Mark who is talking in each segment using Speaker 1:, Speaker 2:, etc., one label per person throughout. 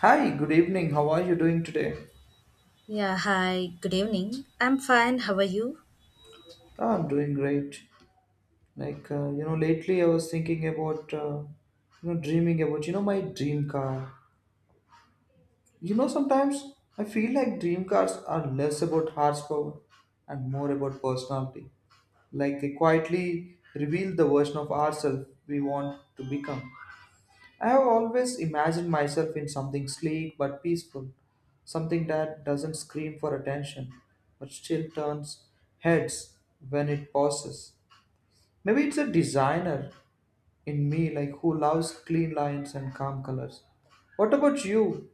Speaker 1: Hi, good evening. How are you doing today?
Speaker 2: Yeah, hi, good evening. I'm fine, how are you?
Speaker 1: I'm doing great. Lately I was thinking about, dreaming about, my dream car. Sometimes I feel like dream cars are less about horsepower and more about personality. Like, they quietly reveal the version of ourselves we want to become. I have always imagined myself in something sleek but peaceful, something that doesn't scream for attention but still turns heads when it passes. Maybe it's a designer in me like who loves clean lines and calm colors. What about you?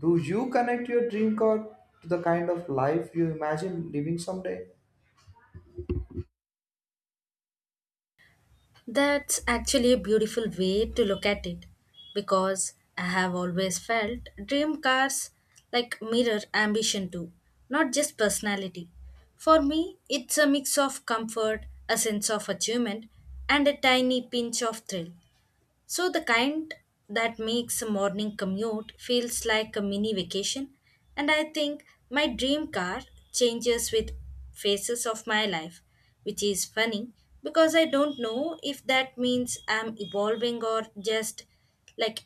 Speaker 1: Do you connect your dream car to the kind of life you imagine living someday?
Speaker 2: That's actually a beautiful way to look at it because I have always felt dream cars like mirror ambition too, not just personality. For me, it's a mix of comfort, a sense of achievement, and a tiny pinch of thrill. So, the kind that makes a morning commute feels like a mini vacation, and I think my dream car changes with phases of my life, which is funny because I don't know if that means I'm evolving or just like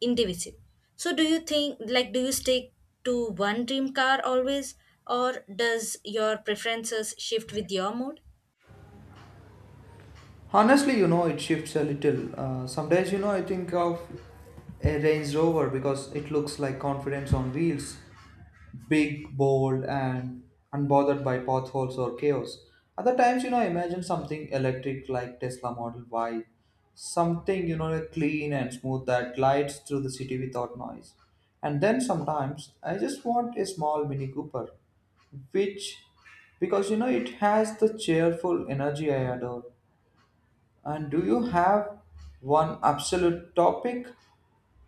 Speaker 2: indivisible. So, do you think, like, do you stick to one dream car always, or does your preferences shift with your mood?
Speaker 1: Honestly, it shifts a little. Some days, I think of a Range Rover because it looks like confidence on wheels. Big, bold, and unbothered by potholes or chaos. Other times, imagine something electric like Tesla Model Y, something, clean and smooth that glides through the city without noise. And then sometimes I just want a small Mini Cooper, which, because it has the cheerful energy I adore. And do you have one absolute topic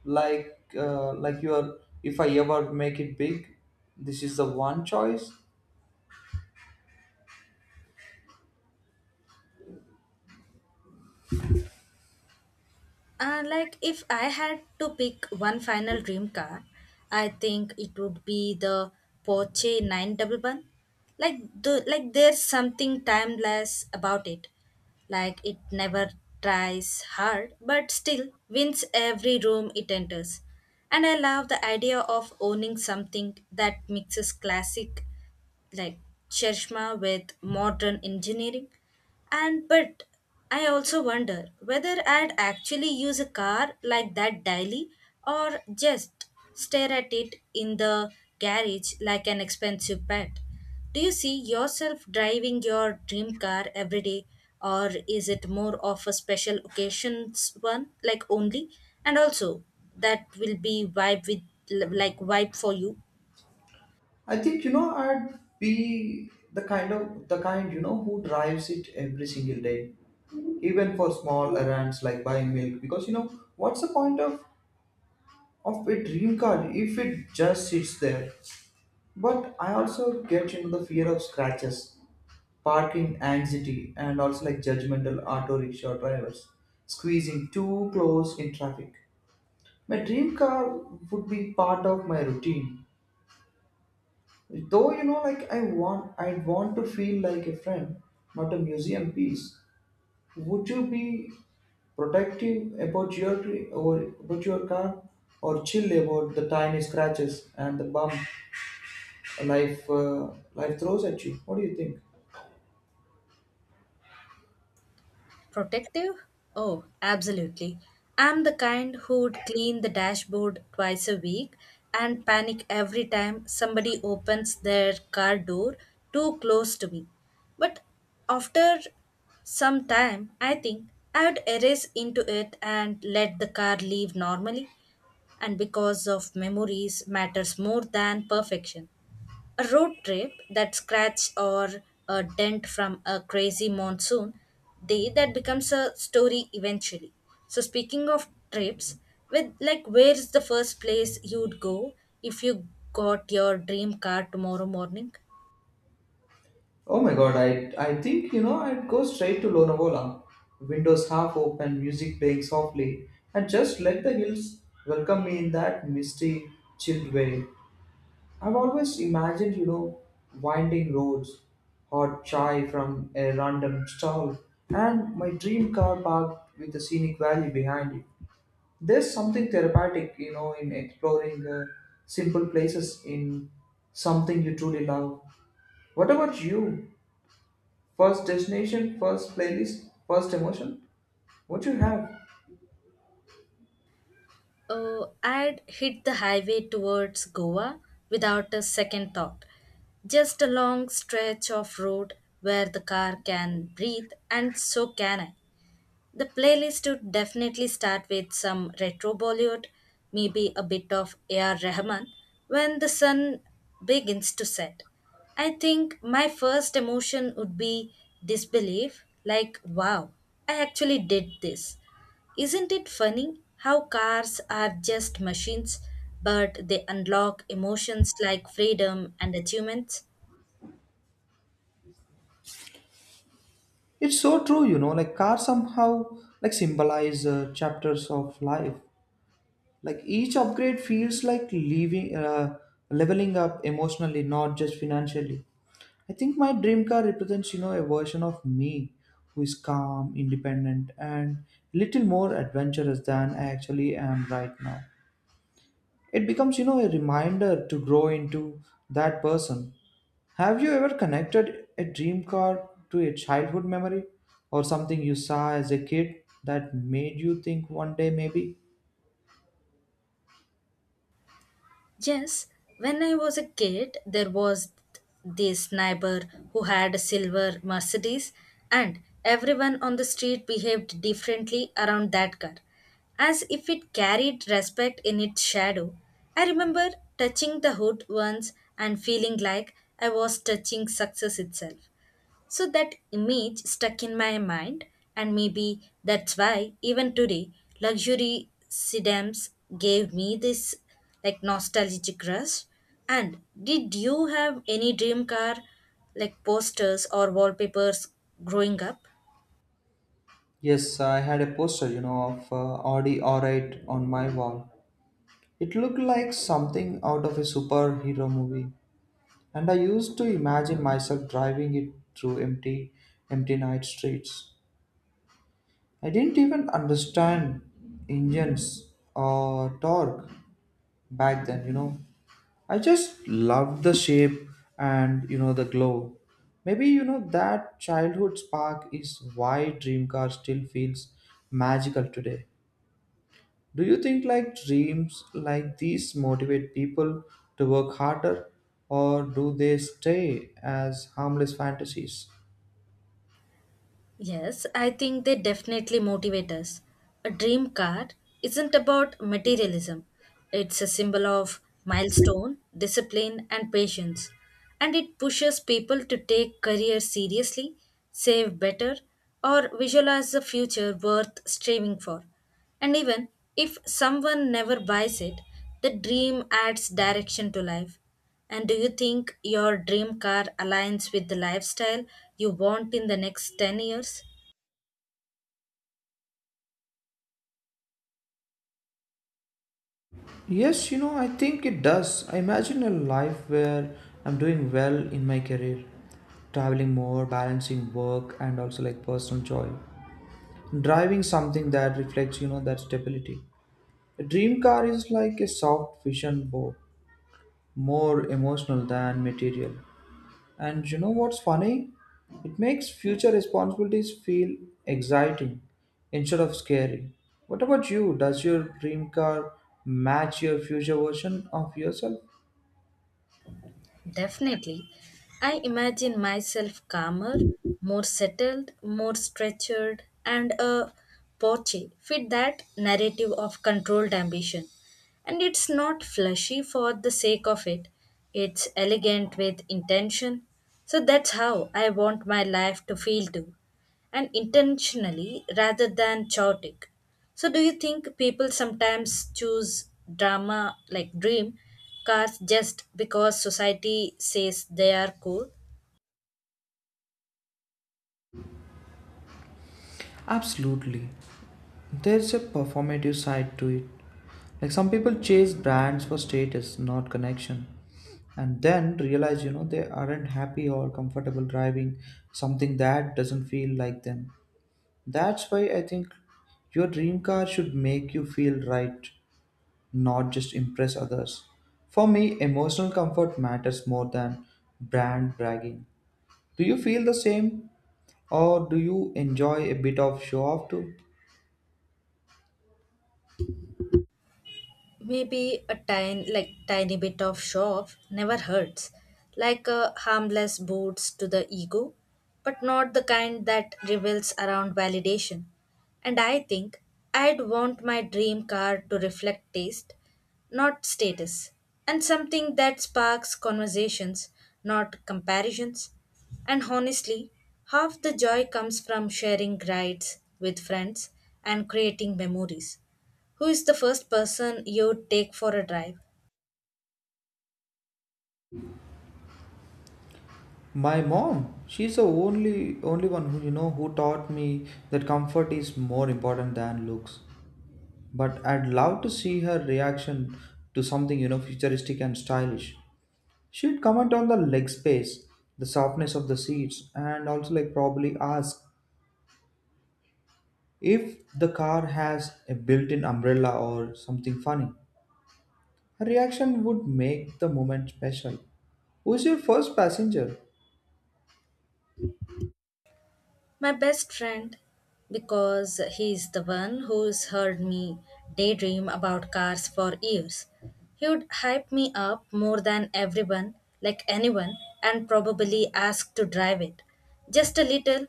Speaker 1: like you are, if I ever make it big, this is the one choice.
Speaker 2: Like if I had to pick one final dream car, I think it would be the Porsche 911. Like there's something timeless about it. Like it never tries hard but still wins every room it enters. And I love the idea of owning something that mixes classic like Shershma with modern engineering. And but I also wonder whether I'd actually use a car like that daily or just stare at it in the garage like an expensive pet. Do you see yourself driving your dream car every day or is it more of a special occasions one like only? And also that will be vibe with like vibe for you.
Speaker 1: I think I'd be the kind who drives it every single day, even for small errands like buying milk, because what's the point of a dream car if it just sits there? But I also get into the fear of scratches, parking anxiety, and also like judgmental auto rickshaw drivers squeezing too close in traffic. My dream car would be part of my routine. Though you know, I want to feel like a friend, not a museum piece. Would you be protective about your tree or about your car, or chill about the tiny scratches and the bump life throws at you? What do you think?
Speaker 2: Protective? Oh, absolutely. I'm the kind who would clean the dashboard twice a week and panic every time somebody opens their car door too close to me. But after some time, I think I would erase into it and let the car leave normally. And because of memories matters more than perfection. A road trip, that scratch or a dent from a crazy monsoon, day that becomes a story eventually. So speaking of trips, with like where's the first place you'd go if you got your dream car tomorrow morning?
Speaker 1: Oh my god, I think I'd go straight to Lonavala. Windows half open, music playing softly, and just let the hills welcome me in that misty, chilled way. I've always imagined, winding roads, hot chai from a random stall, and my dream car parked with a scenic valley behind it. There's something therapeutic, in exploring simple places in something you truly love. What about you? First destination, first playlist, first emotion. What you have?
Speaker 2: Oh, I'd hit the highway towards Goa without a second thought. Just a long stretch of road where the car can breathe, and so can I. The playlist would definitely start with some retro Bollywood, maybe a bit of A.R. Rahman when the sun begins to set. I think my first emotion would be disbelief, like, wow, I actually did this. Isn't it funny how cars are just machines, but they unlock emotions like freedom and achievements?
Speaker 1: It's so true, like cars somehow like symbolize chapters of life. Like each upgrade feels like leveling up emotionally, not just financially. I think my dream car represents, a version of me who is calm, independent, and little more adventurous than I actually am right now. It becomes, a reminder to grow into that person. Have you ever connected a dream car to a childhood memory or something you saw as a kid that made you think one day maybe?
Speaker 2: Yes, when I was a kid, there was this neighbor who had a silver Mercedes, and everyone on the street behaved differently around that car, as if it carried respect in its shadow. I remember touching the hood once and feeling like I was touching success itself. So that image stuck in my mind, and maybe that's why even today, luxury sedans gave me this like nostalgic rush. And did you have any dream car like posters or wallpapers growing up?
Speaker 1: Yes, I had a poster, of Audi R8 on my wall. It looked like something out of a superhero movie, and I used to imagine myself driving it through empty night streets. I didn't even understand engines or torque back then, I just love the shape and the glow. Maybe that childhood spark is why dream car still feels magical today. Do you think like dreams like these motivate people to work harder, or do they stay as harmless fantasies?
Speaker 2: Yes, I think they definitely motivate us. A dream car isn't about materialism, it's a symbol of milestone, discipline, and patience. And it pushes people to take career seriously, save better, or visualize a future worth striving for. And even if someone never buys it, the dream adds direction to life. And do you think your dream car aligns with the lifestyle you want in the next 10 years?
Speaker 1: Yes, I think it does. I imagine a life where I'm doing well in my career, traveling more, balancing work and also like personal joy, driving something that reflects that stability. A dream car is like a soft vision board, more emotional than material, and what's funny, it makes future responsibilities feel exciting instead of scary. What about you? Does your dream car match your future version of yourself?
Speaker 2: Definitely. I imagine myself calmer, more settled, more structured, and a Porsche fit that narrative of controlled ambition. And it's not flashy for the sake of it, it's elegant with intention. So that's how I want my life to feel too and intentionally rather than chaotic. So, do you think people sometimes choose drama like dream cars just because society says they are cool?
Speaker 1: Absolutely. There's a performative side to it. Like some people chase brands for status, not connection, and then realize they aren't happy or comfortable driving something that doesn't feel like them. That's why I think your dream car should make you feel right, not just impress others. For me, emotional comfort matters more than brand bragging. Do you feel the same, or do you enjoy a bit of show off too?
Speaker 2: Maybe a tiny bit of show off never hurts, like a harmless boost to the ego, but not the kind that reveals around validation. And I think I'd want my dream car to reflect taste, not status, and something that sparks conversations, not comparisons. And honestly, half the joy comes from sharing rides with friends and creating memories. Who is the first person you'd take for a drive?
Speaker 1: My mom. She's the only one who who taught me that comfort is more important than looks. But I'd love to see her reaction to something, futuristic and stylish. She'd comment on the leg space, the softness of the seats, and also, like, probably ask if the car has a built in umbrella or something funny. Her reaction would make the moment special. Who's your first passenger?
Speaker 2: My best friend, because he's the one who's heard me daydream about cars for years. He would hype me up more than everyone, like anyone, and probably ask to drive it. Just a little,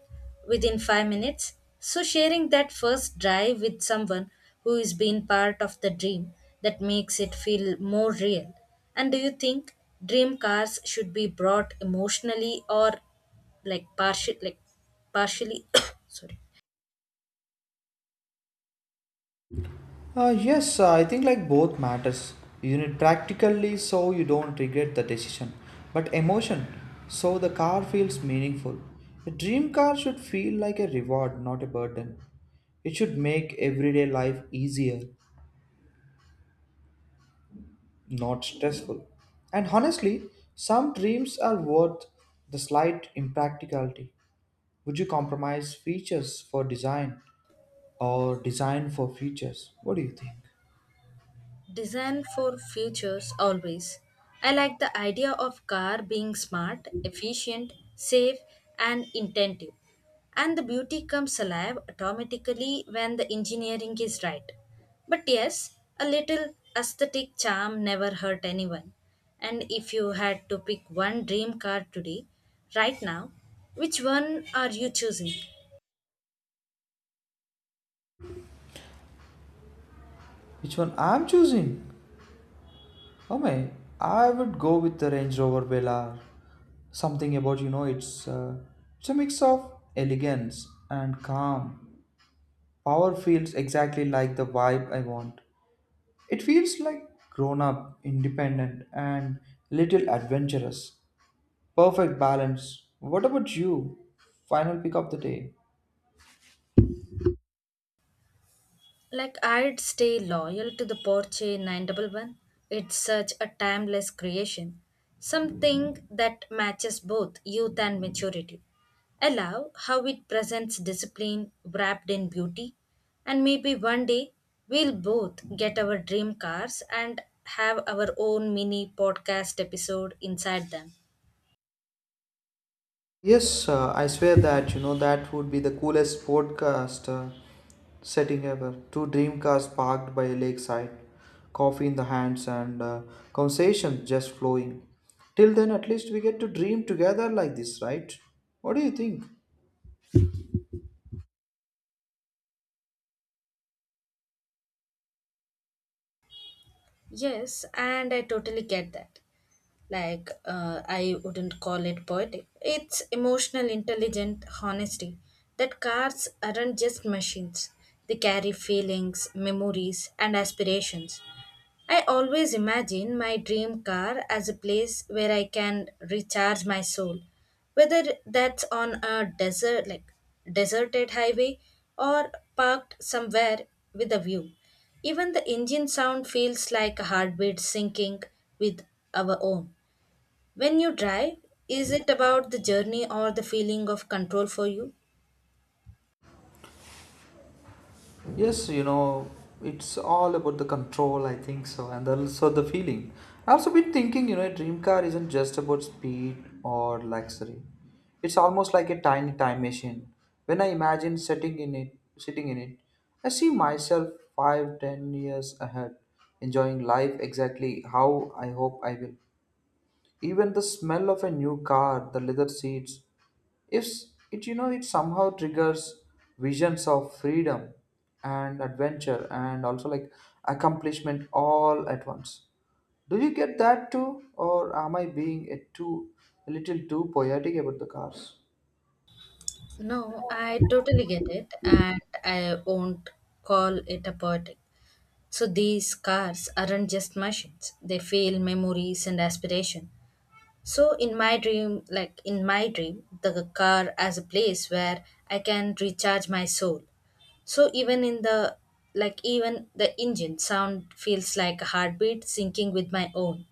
Speaker 2: within 5 minutes. So, sharing that first drive with someone who is being part of the dream that makes it feel more real. And do you think dream cars should be brought emotionally or like partial partially sorry.
Speaker 1: Yes, I think like both matters. You need practically so you don't regret the decision, but emotion so the car feels meaningful. A dream car should feel like a reward, not a burden. It should make everyday life easier, not stressful. And honestly, some dreams are worth the slight impracticality. Would you compromise features for design or design for features? What do you think?
Speaker 2: Design for futures always. I like the idea of car being smart, efficient, safe, and intentive, and the beauty comes alive automatically when the engineering is right. But yes, a little aesthetic charm never hurt anyone. And if you had to pick one dream car today right now, which one are you choosing?
Speaker 1: Which one I'm choosing? Oh my, I would go with the Range Rover Velar. Something about it's a mix of elegance and calm. Power feels exactly like the vibe I want. It feels like grown up, independent, and little adventurous. Perfect balance. What about you? Final pick of the day.
Speaker 2: Like I'd stay loyal to the Porsche 911. It's such a timeless creation, something that matches both youth and maturity. I love how it presents discipline wrapped in beauty, and maybe one day we'll both get our dream cars and have our own mini podcast episode inside them.
Speaker 1: Yes, I swear that that would be the coolest podcast setting ever. Two dream cars parked by a lakeside, coffee in the hands, and conversation just flowing. Till then, at least we get to dream together like this, right? What do you think?
Speaker 2: Yes, and I totally get that. I wouldn't call it poetic. It's emotional, intelligent honesty that cars aren't just machines, they carry feelings, memories, and aspirations. I always imagine my dream car as a place where I can recharge my soul, whether that's on a desert, like deserted highway, or parked somewhere with a view. Even the engine sound feels like a heartbeat syncing with our own. When you drive, is it about the journey or the feeling of control for you?
Speaker 1: Yes, it's all about the control, I think so, and also the feeling. I've also been thinking, a dream car isn't just about speed or luxury. It's almost like a tiny time machine. When I imagine sitting in it, I see myself five, 10 years ahead, enjoying life exactly how I hope I will. Even the smell of a new car, the leather seats, if it you know it somehow triggers visions of freedom and adventure and also like accomplishment all at once. Do you get that too, or am I being a little too poetic about the cars?
Speaker 2: No, I totally get it, and I won't call it a poetic. So these cars aren't just machines, they feel memories and aspiration. So in my dream, the car as a place where I can recharge my soul. So even in the like even the engine sound feels like a heartbeat syncing with my own.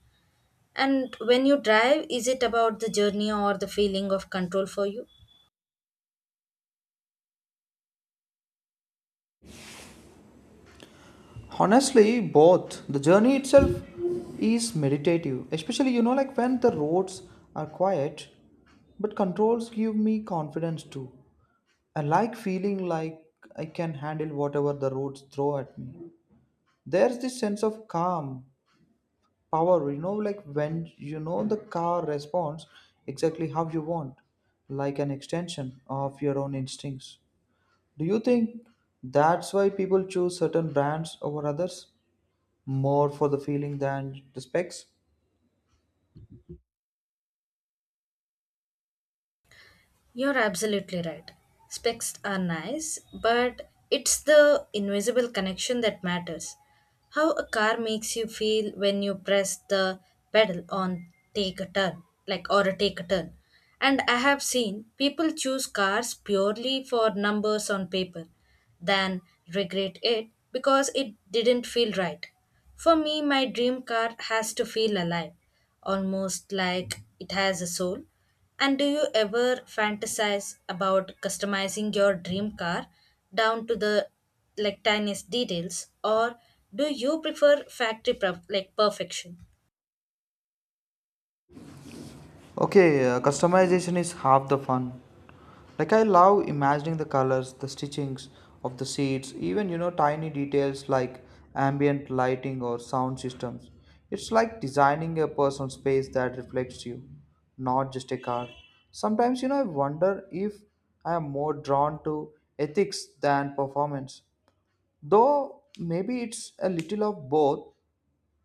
Speaker 2: And when you drive, is it about the journey or the feeling of control for you?
Speaker 1: Honestly, both. The journey itself is meditative, especially like when the roads are quiet, but controls give me confidence too. I like feeling like I can handle whatever the roads throw at me. There's this sense of calm power like when the car responds exactly how you want, like an extension of your own instincts. Do you think that's why people choose certain brands over others, more for the feeling than the specs?
Speaker 2: You're absolutely right. Specs are nice, but it's the invisible connection that matters. How a car makes you feel when you press the pedal on take a turn, like or a take a turn. And I have seen people choose cars purely for numbers on paper than regret it because it didn't feel right. For me, my dream car has to feel alive, almost like it has a soul. And do you ever fantasize about customizing your dream car down to the like tiniest details, or do you prefer factory perfection?
Speaker 1: Okay, customization is half the fun. Like I love imagining the colors, the stitchings of the seats, even tiny details like ambient lighting or sound systems. It's like designing a personal space that reflects you, not just a car. Sometimes I wonder if I am more drawn to ethics than performance. Though maybe it's a little of both.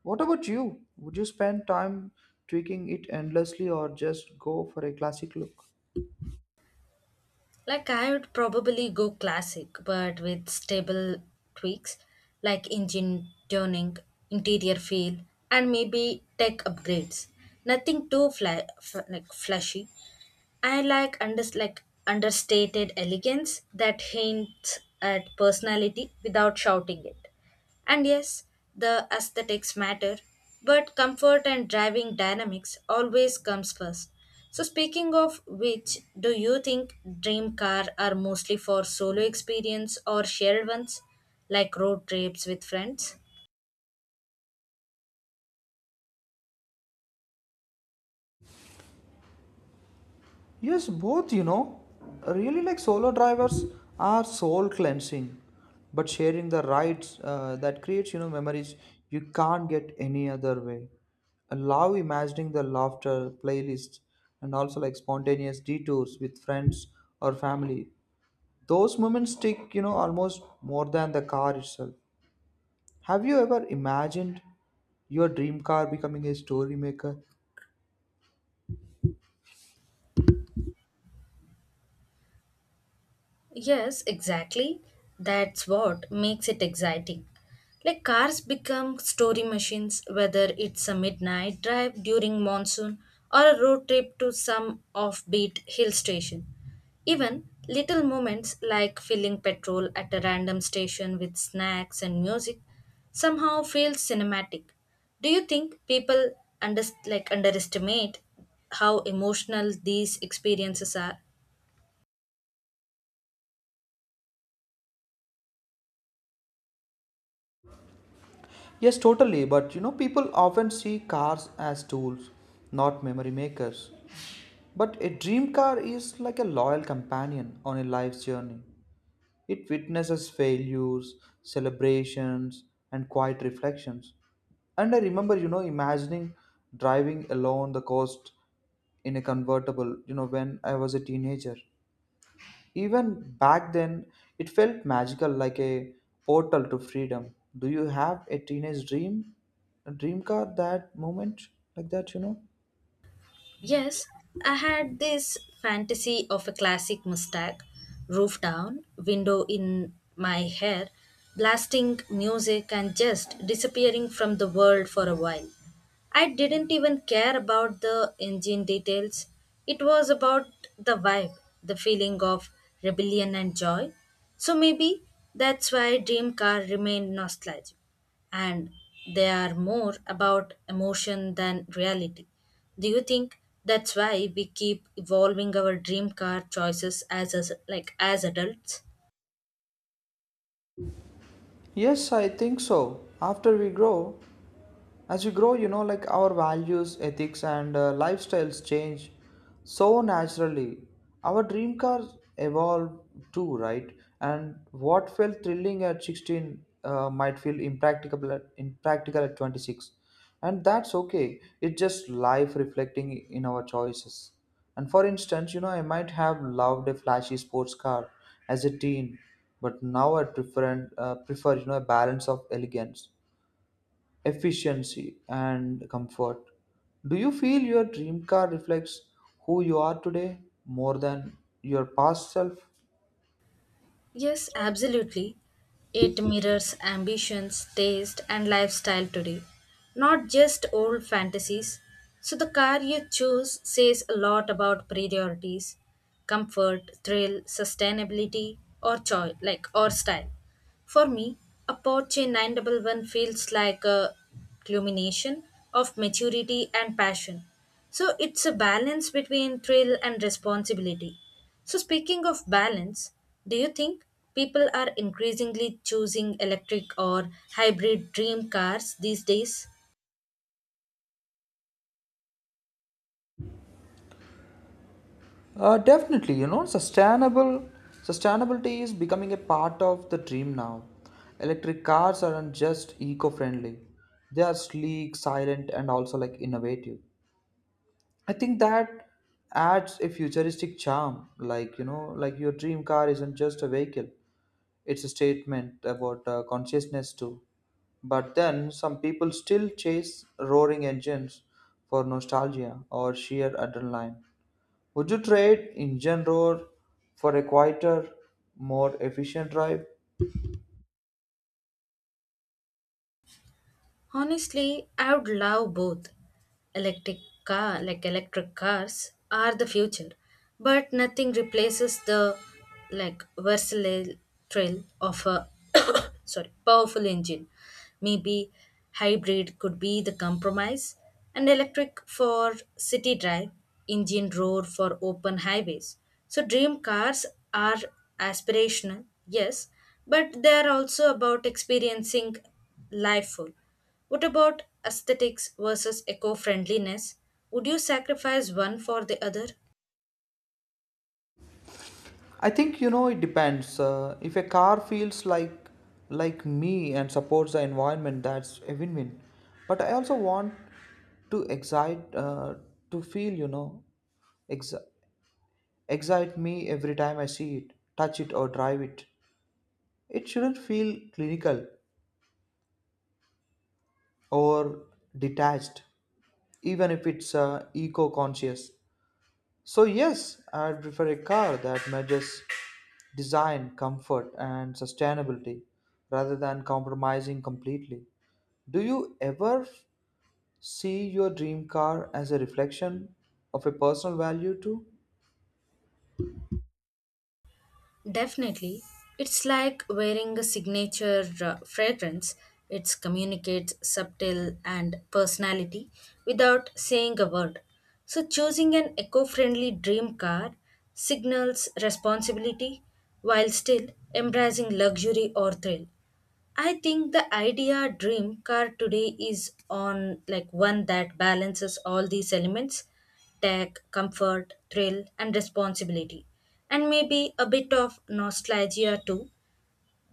Speaker 1: What about you? Would you spend time tweaking it endlessly or just go for a classic look?
Speaker 2: Like I would probably go classic, but with stable tweaks like engine tuning, interior feel, and maybe tech upgrades. Nothing too flashy, I like understated elegance that hints at personality without shouting it. And yes, the aesthetics matter, but comfort and driving dynamics always comes first. So speaking of which, do you think dream car are mostly for solo experience or shared ones like road trips with friends?
Speaker 1: Yes, both, Really, like solo drivers are soul cleansing, but sharing the rides, that creates, memories you can't get any other way. I love imagining the laughter playlists and also like spontaneous detours with friends or family. Those moments stick, almost more than the car itself. Have you ever imagined your dream car becoming a story maker?
Speaker 2: Yes, exactly. That's what makes it exciting. Like cars become story machines, whether it's a midnight drive during monsoon or a road trip to some offbeat hill station. Even little moments like filling petrol at a random station with snacks and music somehow feel cinematic. Do you think people underestimate how emotional these experiences are?
Speaker 1: Yes, totally, but people often see cars as tools, not memory makers. But a dream car is like a loyal companion on a life's journey. It witnesses failures, celebrations, and quiet reflections. And I remember, imagining driving along the coast in a convertible, when I was a teenager. Even back then, it felt magical like a portal to freedom. Do you have a teenage dream? A dream car that moment like that,
Speaker 2: Yes, I had this fantasy of a classic Mustang, roof down, window in my hair, blasting music and just disappearing from the world for a while. I didn't even care about the engine details. It was about the vibe, the feeling of rebellion and joy. So maybe that's why dream car remained nostalgic and they are more about emotion than reality. Do you think that's why we keep evolving our dream car choices as adults?
Speaker 1: Yes, I think so. After we grow As we grow, like our values, ethics, and lifestyles change so naturally. Our dream cars evolve too, right? And what felt thrilling at 16 might feel impractical at 26. And that's okay. It's just life reflecting in our choices. And for instance, I might have loved a flashy sports car as a teen, but now I prefer a balance of elegance, efficiency, and comfort. Do you feel your dream car reflects who you are today more than your past self?
Speaker 2: Yes, absolutely. It mirrors ambitions, taste, and lifestyle today, not just old fantasies. So, the car you choose says a lot about priorities, comfort, thrill, sustainability, or choice, like or style. For me, a Porsche 911 feels like a culmination of maturity and passion. So it's a balance between thrill and responsibility. So, speaking of balance, do you think people are increasingly choosing electric or hybrid dream cars these days?
Speaker 1: Definitely, sustainable sustainability is becoming a part of the dream now. Electric cars aren't just eco-friendly; they are sleek, silent, and also like innovative. I think that adds a futuristic charm. Like like your dream car isn't just a vehicle; it's a statement about consciousness too. But then some people still chase roaring engines for nostalgia or sheer adrenaline. Would you trade engine roar for a quieter, more efficient drive?
Speaker 2: Honestly, I would love both. Electric electric cars, are the future, but nothing replaces the like versatile thrill of a sorry powerful engine. Maybe hybrid could be the compromise, and electric for city drive, engine roar for open highways. So dream cars are aspirational, yes, but they are also about experiencing life full. What about aesthetics versus eco friendliness? Would you sacrifice one for the other?
Speaker 1: I think it depends. If a car feels like me and supports the environment, that's a win-win. But I also want to excite, uh, to feel, ex- excite me every time I see it, touch it, or drive it. It shouldn't feel clinical or detached, even if it's eco conscious. So, yes, I'd prefer a car that measures design, comfort, and sustainability rather than compromising completely. Do you ever see your dream car as a reflection of a personal value too?
Speaker 2: Definitely. It's like wearing a signature fragrance. It communicates subtle and personality without saying a word. So, choosing an eco friendly dream car signals responsibility while still embracing luxury or thrill. I think the idea dream car today is on like one that balances all these elements: tech, comfort, thrill, and responsibility, and maybe a bit of nostalgia too.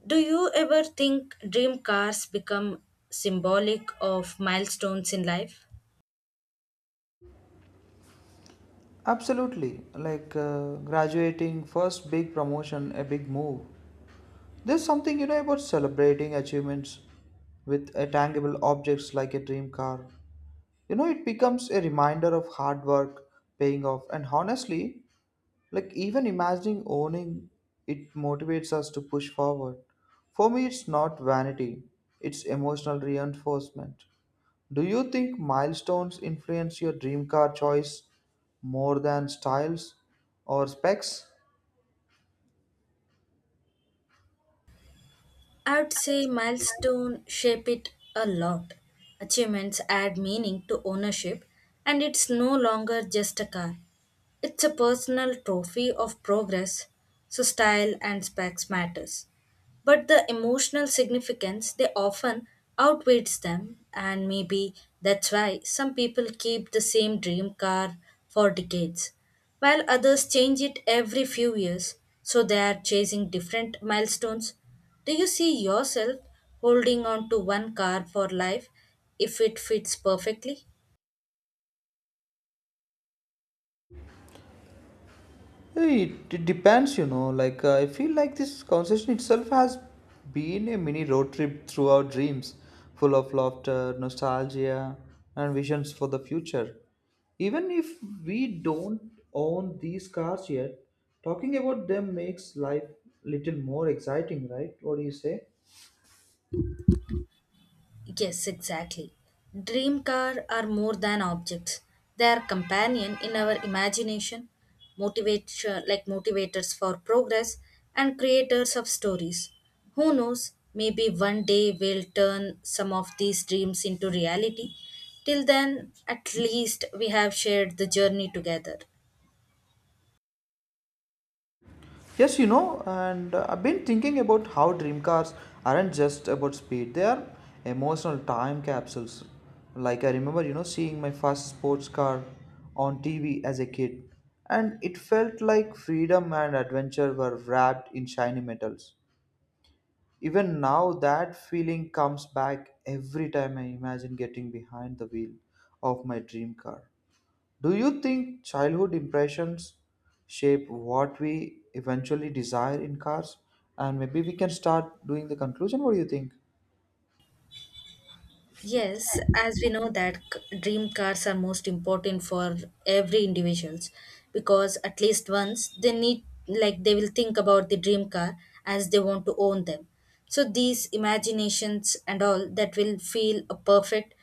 Speaker 2: Do you ever think dream cars become symbolic of milestones in life?
Speaker 1: Absolutely, like graduating, first big promotion, a big move. There's something about celebrating achievements with a tangible objects like a dream car. It becomes a reminder of hard work paying off, and honestly, like, even imagining owning it motivates us to push forward. For me, it's not vanity, it's emotional reinforcement. Do you think milestones influence your dream car choice more than styles or specs?
Speaker 2: I'd say milestone shape it a lot. Achievements add meaning to ownership and it's no longer just a car. It's a personal trophy of progress, so style and specs matters. But the emotional significance they often outweighs them and maybe that's why some people keep the same dream car for decades while others change it every few years so they are chasing different milestones. Do you see yourself holding on to one car for life if it fits perfectly?
Speaker 1: It depends, I feel like this conversation itself has been a mini road trip through our dreams, full of laughter, nostalgia, and visions for the future. Even if we don't own these cars yet, talking about them makes life little more exciting, right? What do you say?
Speaker 2: Yes, exactly. Dream car are more than objects. They are companion in our imagination, motivation like motivators for progress and creators of stories. Who knows, maybe one day we'll turn some of these dreams into reality. Till then, at least we have shared the journey together.
Speaker 1: Yes, and I've been thinking about how dream cars aren't just about speed, they are emotional time capsules. Like, I remember, seeing my first sports car on TV as a kid, and it felt like freedom and adventure were wrapped in shiny metals. Even now, that feeling comes back every time I imagine getting behind the wheel of my dream car. Do you think childhood impressions shape what we eventually desire in cars? And maybe we can start doing the conclusion. What do you think?
Speaker 2: Yes, as we know that dream cars are most important for every individuals because at least once they need like they will think about the dream car as they want to own them. So these imaginations and all that will feel a perfect,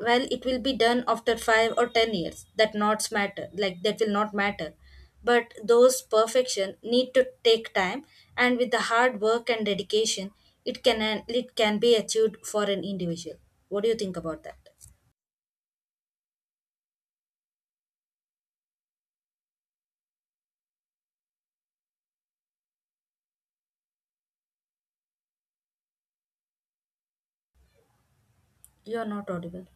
Speaker 2: well, it will be done after 5 or 10 years, that not matter, like that will not matter, but those perfection need to take time, and with the hard work and dedication it can it can be achieved for an individual. What do you think about that? You are not audible.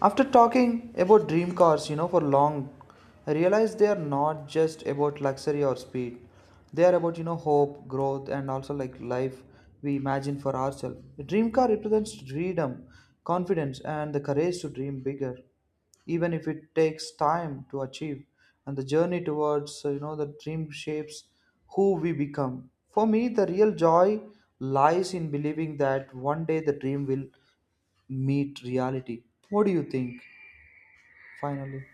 Speaker 1: After talking about dream cars, for long, I realized they are not just about luxury or speed. They are about, hope, growth, and also like life we imagine for ourselves. The dream car represents freedom, confidence, and the courage to dream bigger, even if it takes time to achieve. And the journey towards, the dream shapes who we become. For me, the real joy lies in believing that one day the dream will meet reality. What do you think? Finally,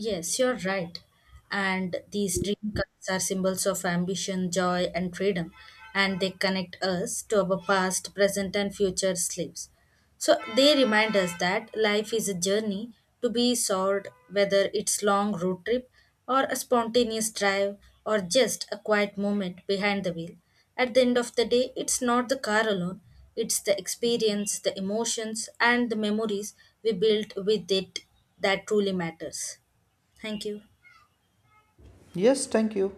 Speaker 2: Yes, you're right. And these dream cards are symbols of ambition, joy, and freedom, and they connect us to our past, present, and future lives. So they remind us that life is a journey to be soared, whether it's long road trip or a spontaneous drive or just a quiet moment behind the wheel. At the end of the day, it's not the car alone, it's the experience, the emotions, and the memories we built with it that truly matters. Thank you.
Speaker 1: yes, thank you.